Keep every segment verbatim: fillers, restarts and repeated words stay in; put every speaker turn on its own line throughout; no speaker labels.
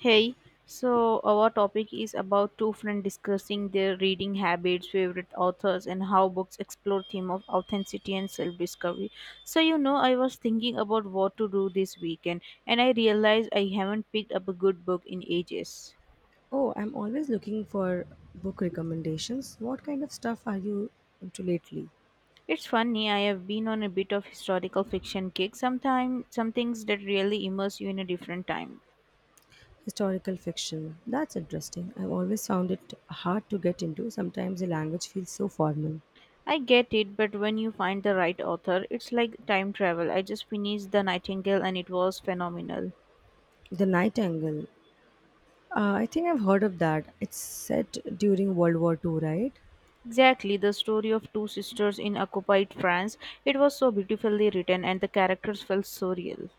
Hey, so our topic is about two friends discussing their reading habits, favorite authors, and how books explore theme of authenticity and self-discovery. So you know, I was thinking about what to do this weekend, and I realized I haven't picked up a good book in ages.
Oh, I'm always looking for book recommendations. What kind of stuff are you into lately?
It's funny, I have been on a bit of historical fiction kick. Sometimes, some things that really immerse you in a different time.
Historical fiction. That's interesting. I've always found it hard to get into. Sometimes the language feels so formal.
I get it, but when you find the right author, it's like time travel. I just finished The Nightingale and it was phenomenal.
The Nightingale. Uh, I think I've heard of that. It's set during World War two, right?
Exactly, the story of two sisters in occupied France. It was so beautifully written and the characters felt so real.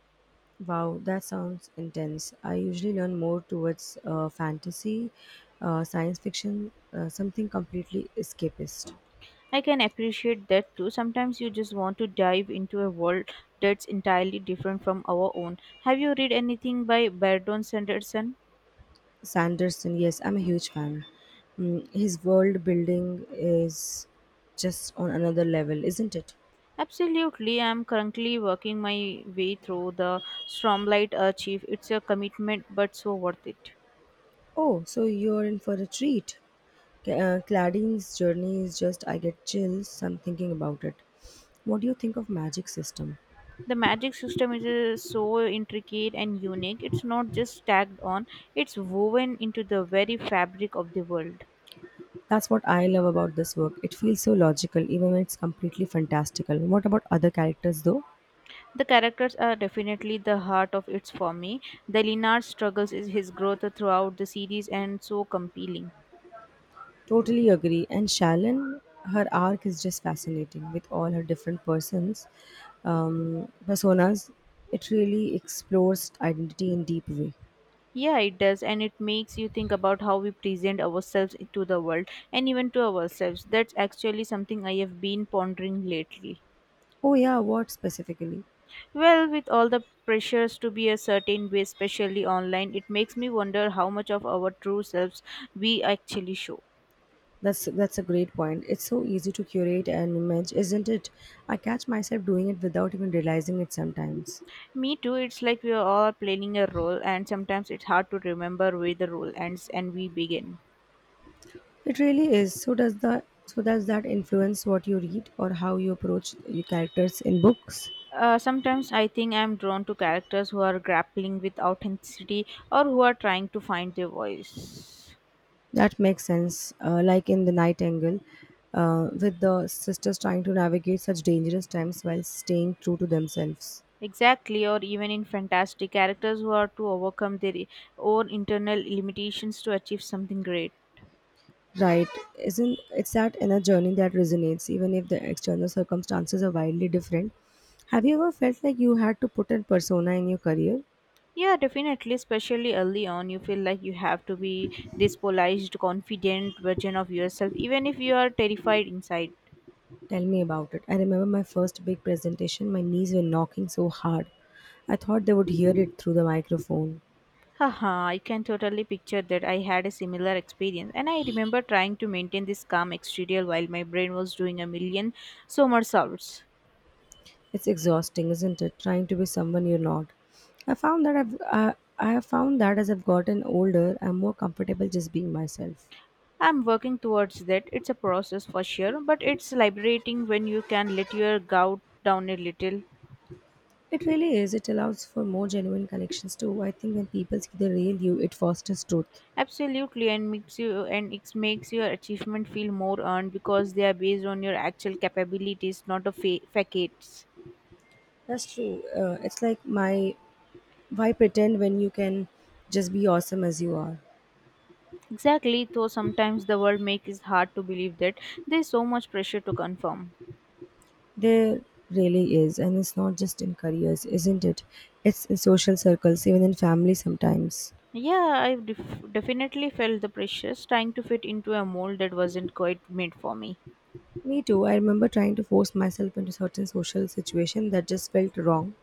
Wow, that sounds intense. I usually learn more towards uh, fantasy, uh, science fiction, uh, something completely escapist.
I can appreciate that too. Sometimes you just want to dive into a world that's entirely different from our own. Have you read anything by Berdon Sanderson?
Sanderson, yes, I'm a huge fan. Mm, his world building is just on another level, isn't it?
Absolutely, I'm currently working my way through the Stormlight Archive. It's a commitment but so worth it.
Oh, so you're in for a treat. Ca- Uh, Cladding's journey is just, I get chills. I'm thinking about it. What do you think of magic system?
The magic system is uh, so intricate and unique. It's not just tagged on, it's woven into the very fabric of the world.
That's what I love about this work. It feels so logical, even when it's completely fantastical. What about other characters, though?
The characters are definitely the heart of it for me. The Linard struggles is his growth throughout the series and so compelling.
Totally agree. And Shallon, her arc is just fascinating with all her different persons, um, personas. It really explores identity in deep way.
Yeah, it does, and it makes you think about how we present ourselves to the world and even to ourselves. That's actually something I have been pondering lately.
Oh yeah, what specifically?
Well, with all the pressures to be a certain way, especially online, it makes me wonder how much of our true selves we actually show.
That's that's a great point. It's so easy to curate an image, isn't it? I catch myself doing it without even realizing it sometimes.
Me too, it's like we are all playing a role, and sometimes it's hard to remember where the role ends and we begin.
It really is. So does the so does that influence what you read or how you approach your characters in books?
Uh, sometimes I think I'm drawn to characters who are grappling with authenticity or who are trying to find their voice.
That makes sense. Uh, like in The Nightingale, uh, with the sisters trying to navigate such dangerous times while staying true to themselves.
Exactly, or even in fantastic characters who are to overcome their own internal limitations to achieve something great.
Right? Isn't it's that inner journey that resonates, even if the external circumstances are wildly different? Have you ever felt like you had to put a persona in your career?
Yeah, definitely, especially early on, you feel like you have to be this polished, confident version of yourself, even if you are terrified inside.
Tell me about it. I remember my first big presentation. My knees were knocking so hard, I thought they would hear it through the microphone.
Haha, I can totally picture that. I had a similar experience, and I remember trying to maintain this calm exterior while my brain was doing a million somersaults.
It's exhausting, isn't it? Trying to be someone you're not. I found that I've I, I have found that as I've gotten older, I'm more comfortable just being myself.
I'm working towards that. It's a process for sure, but it's liberating when you can let your gout down a little.
It really is. It allows for more genuine connections too. I think when people see the real you, it fosters truth.
Absolutely, and makes you and it makes your achievement feel more earned because they are based on your actual capabilities, not a fa- facades.
That's true. Uh, it's like my why pretend when you can just be awesome as you are.
Exactly, though sometimes the world makes it hard to believe that there's so much pressure to confirm.
There really is, and it's not just in careers, isn't it? It's in social circles, even in family sometimes.
Yeah, I def- definitely felt the pressures trying to fit into a mold that wasn't quite made for me.
Me too. I remember trying to force myself into certain social situations that just felt wrong.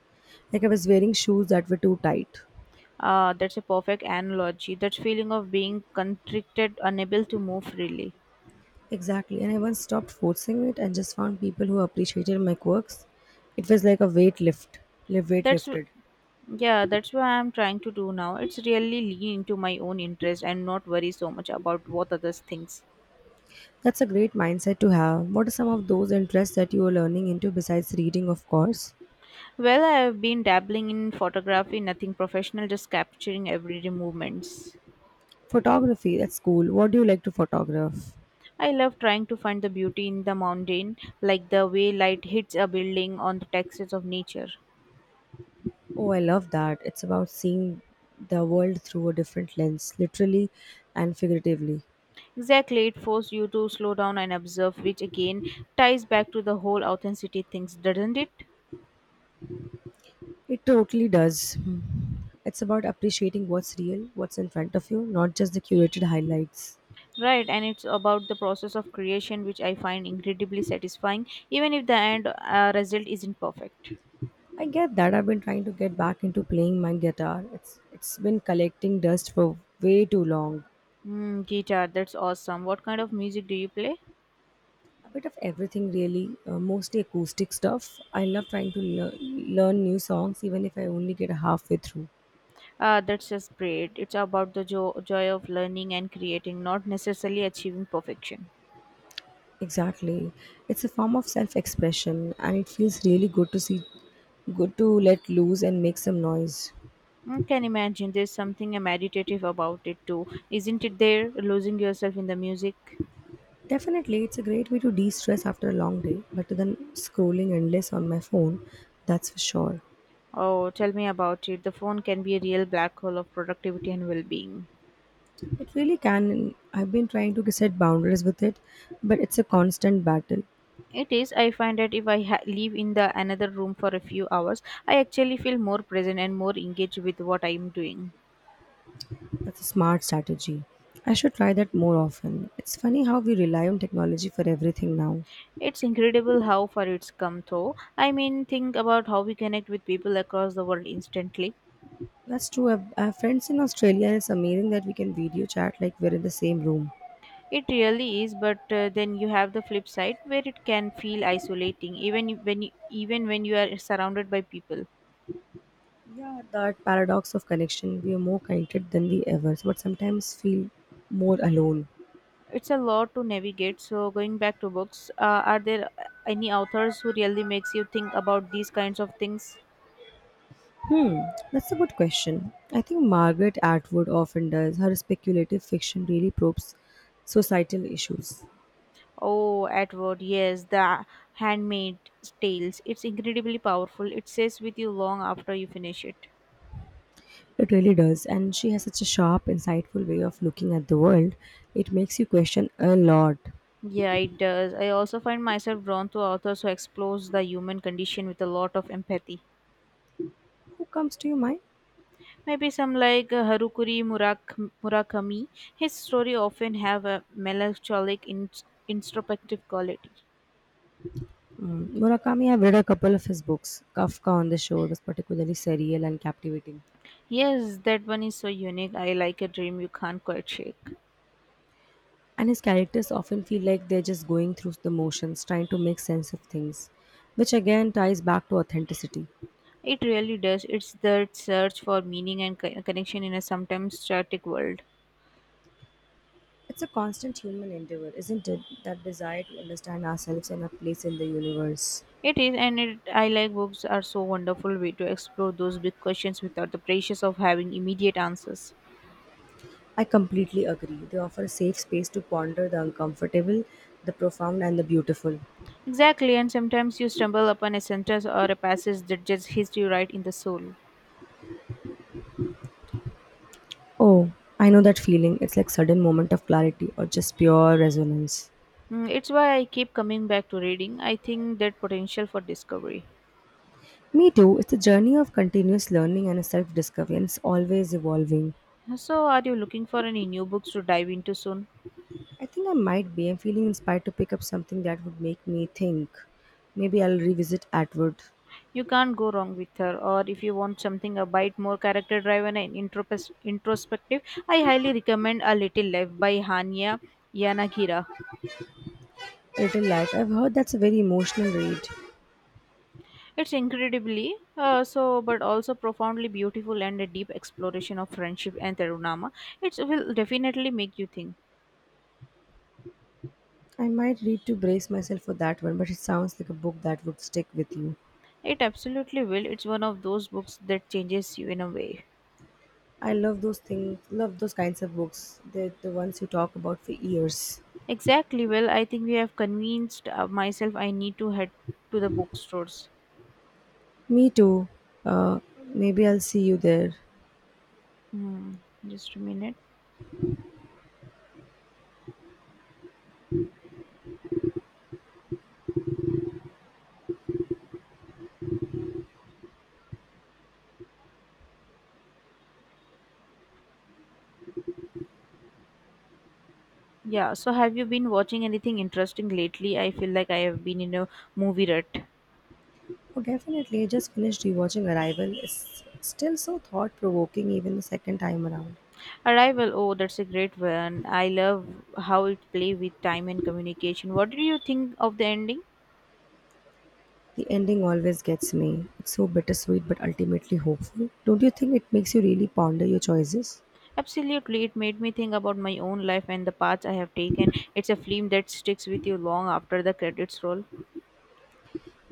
Like I was wearing shoes that were too tight.
Uh, that's a perfect analogy. That feeling of being constricted, unable to move freely.
Exactly. And I once stopped forcing it and just found people who appreciated my quirks. It was like a weight lift, live weight
That's
lifted.
Yeah, that's what I'm trying to do now. It's really lean into my own interest and not worry so much about what others thinks.
That's a great mindset to have. What are some of those interests that you are learning into besides reading, of course?
Well, I've been dabbling in photography, nothing professional, just capturing everyday movements.
Photography, that's cool. What do you like to photograph?
I love trying to find the beauty in the mountain, like the way light hits a building on the textures of nature.
Oh, I love that. It's about seeing the world through a different lens, literally and figuratively.
Exactly, it forces you to slow down and observe, which again ties back to the whole authenticity things, doesn't it?
It totally does. Hmm. It's about appreciating what's real, what's in front of you, not just the curated highlights.
Right, and it's about the process of creation, which I find incredibly satisfying, even if the end uh, result isn't perfect.
I get that I've been trying to get back into playing my guitar. It's it's been collecting dust for way too long.
Mm, guitar, that's awesome. What kind of music do you play?
A bit of everything really, uh, mostly acoustic stuff. I love trying to lear- learn new songs even if I only get halfway through.
Uh, that's just great. It's about the jo- joy of learning and creating, not necessarily achieving perfection.
Exactly. It's a form of self-expression and it feels really good to see good to let loose and make some noise.
I can imagine there's something meditative about it too, isn't it? There, losing yourself in the music.
Definitely, it's a great way to de stress after a long day, better than scrolling endless on my phone, that's for sure.
Oh, tell me about it. The phone can be a real black hole of productivity and well being.
It really can, and I've been trying to set boundaries with it, but it's a constant battle.
It is. I find that if I ha- live in the another room for a few hours, I actually feel more present and more engaged with what I am doing.
That's a smart strategy. I should try that more often. It's funny how we rely on technology for everything now.
It's incredible how far it's come though. I mean, think about how we connect with people across the world instantly.
That's true. I've- I have friends in Australia, and it's amazing that we can video chat like we're in the same room.
It really is, but uh, then you have the flip side where it can feel isolating, even if- when you, even when you are surrounded by people.
Yeah, that paradox of connection. We are more connected than we ever, but sometimes feel more alone.
It's a lot to navigate. So, going back to books, uh, are there uh, any authors who really makes you think about these kinds of things?
Hmm, that's a good question. I think Margaret Atwood often does. Her speculative fiction really probes societal issues.
Oh, Edward, yes, the handmade tales. It's incredibly powerful. It stays with you long after you finish it.
It really does. And she has such a sharp, insightful way of looking at the world. It makes you question a lot.
Yeah, it does. I also find myself drawn to authors who explores the human condition with a lot of empathy.
Who comes to your mind?
Maybe some like uh, Harukuri Murak- Murakami. His story often have a melancholic, in- introspective quality.
Hmm, Murakami, I've read a couple of his books. Kafka on the Shore was particularly surreal and captivating.
Yes, that one is so unique. I like a dream you can't quite shake.
And his characters often feel like they're just going through the motions, trying to make sense of things, which again ties back to authenticity.
It really does. It's that search for meaning and co- connection in a sometimes static world.
It's a constant human endeavor, isn't it? That desire to understand ourselves and our place in the universe.
It is, and it, I like books are so wonderful way to explore those big questions without the pressures of having immediate answers.
I completely agree. They offer a safe space to ponder the uncomfortable, the profound, and the beautiful.
Exactly, and sometimes you stumble upon a sentence or a passage that just hits you right in the soul.
Oh, I know that feeling. It's like sudden moment of clarity or just pure resonance.
Mm, it's why I keep coming back to reading. I think that potential for discovery.
Me too. It's a journey of continuous learning and self-discovery, and it's always evolving.
So, are you looking for any new books to dive into soon?
I think I might be. I'm feeling inspired to pick up something that would make me think. Maybe I'll revisit Atwood.
You can't go wrong with her, or if you want something a bit more character driven and intropes- introspective, I highly recommend A Little Life by Hania Yanagira.
Little Light. I've heard that's a very emotional read.
It's incredibly uh, so, but also profoundly beautiful and a deep exploration of friendship and Tarunama. It will definitely make you think.
I might need to brace myself for that one, but it sounds like a book that would stick with you.
It absolutely will. It's one of those books that changes you in a way.
I love those things, love those kinds of books. They're the ones you talk about for years.
Exactly. Well, I think we have convinced uh, myself I need to head to the bookstores.
Me too. Uh, Maybe I'll see you there.
Hmm, just a minute. Yeah, so have you been watching anything interesting lately? I feel like I have been in a movie rut.
Oh, definitely. I just finished rewatching Arrival. It's still so thought provoking, even the second time around.
Arrival, oh, that's a great one. I love how it play with time and communication. What did you think of the ending?
The ending always gets me. It's so bittersweet, but ultimately hopeful. Don't you think it makes you really ponder your choices?
Absolutely, it made me think about my own life and the paths I have taken. It's a film that sticks with you long after the credits roll.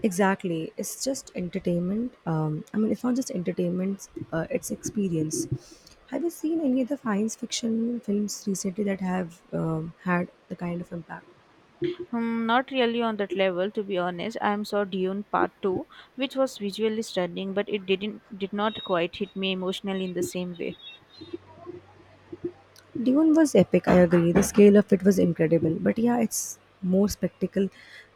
Exactly. It's just entertainment. Um, I mean, it's not just entertainment, uh, it's experience. Have you seen any other science fiction films recently that have um, had the kind of impact?
Hmm, not really on that level, to be honest. I am saw Dune Part Two, which was visually stunning, but it didn't did not quite hit me emotionally in the same way.
Dune was epic, I agree. The scale of it was incredible. But yeah, it's more spectacle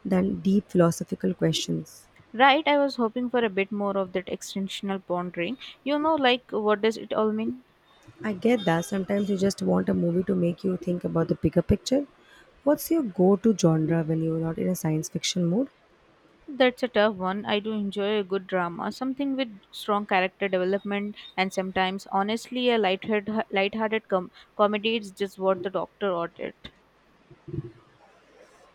than deep philosophical questions.
Right, I was hoping for a bit more of that extensional pondering. You know, like what does it all mean?
I get that. Sometimes you just want a movie to make you think about the bigger picture. What's your go to genre when you're not in a science fiction mood?
That's a tough one. I do enjoy a good drama, something with strong character development, and sometimes, honestly, a lighthearted, lighthearted com- comedy is just what the doctor ordered.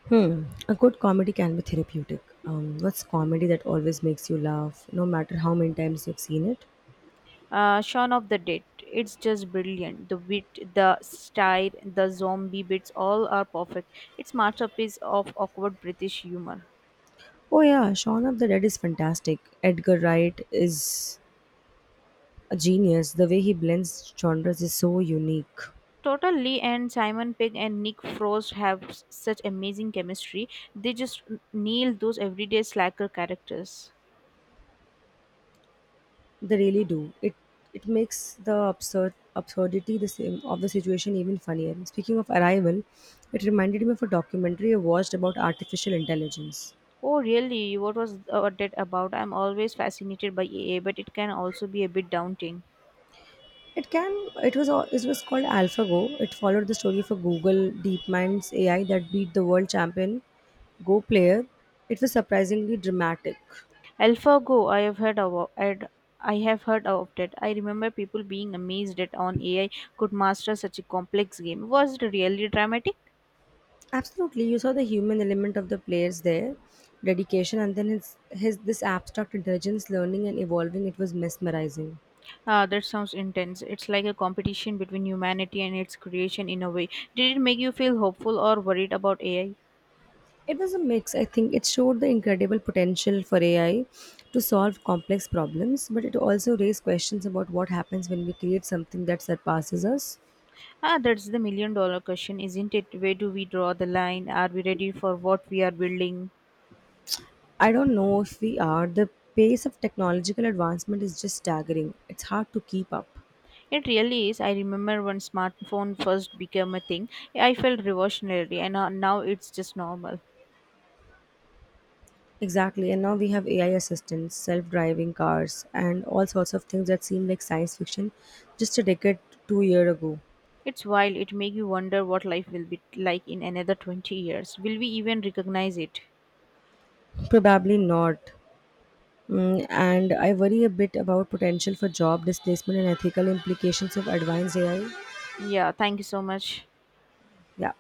Hmm. A good comedy can be therapeutic. Um, what's comedy that always makes you laugh, no matter how many times you've seen it?
Uh, Shaun of the Dead. It's just brilliant. The wit, the style, the zombie bits, all are perfect. It's masterpiece of awkward British humor.
Oh yeah, Shaun of the Dead is fantastic. Edgar Wright is a genius. The way he blends genres is so unique.
Total Lee and Simon Pegg and Nick Frost have s- such amazing chemistry. They just n- nail those everyday slacker characters.
They really do. It it makes the absurd absurdity the same of the situation even funnier. Speaking of Arrival, it reminded me of a documentary I watched about artificial intelligence.
Oh, really? What was uh, that about? I'm always fascinated by A A, but it can also be a bit daunting.
It can. It was. al- It was called AlphaGo. It followed the story of a Google DeepMind's A I that beat the world champion Go player. It was surprisingly dramatic.
AlphaGo, I have heard of I'd- I have heard of that. I remember people being amazed that on A I could master such a complex game. Was it really dramatic?
Absolutely, you saw the human element of the players there, dedication, and then his his this abstract intelligence, learning and evolving. It was mesmerizing.
Ah, that sounds intense. It's like a competition between humanity and its creation in a way. Did it make you feel hopeful or worried about A I?
It was a mix. I think it showed the incredible potential for A I to solve complex problems, but it also raised questions about what happens when we create something that surpasses us.
Ah, that's the million dollar question, isn't it? Where do we draw the line? Are we ready for what we are building?
I don't know if we are. The pace of technological advancement is just staggering. It's hard to keep up.
It really is. I remember when smartphone first became a thing, I felt revolutionary and uh, now it's just normal.
Exactly, and now we have A I assistants, self driving cars, and all sorts of things that seem like science fiction just a decade, two year ago.
It's wild. It makes you wonder what life will be like in another twenty years. Will we even recognize it?
Probably not. Mm, and I worry a bit about potential for job displacement and ethical implications of advanced A I.
Yeah, thank you so much.
Yeah.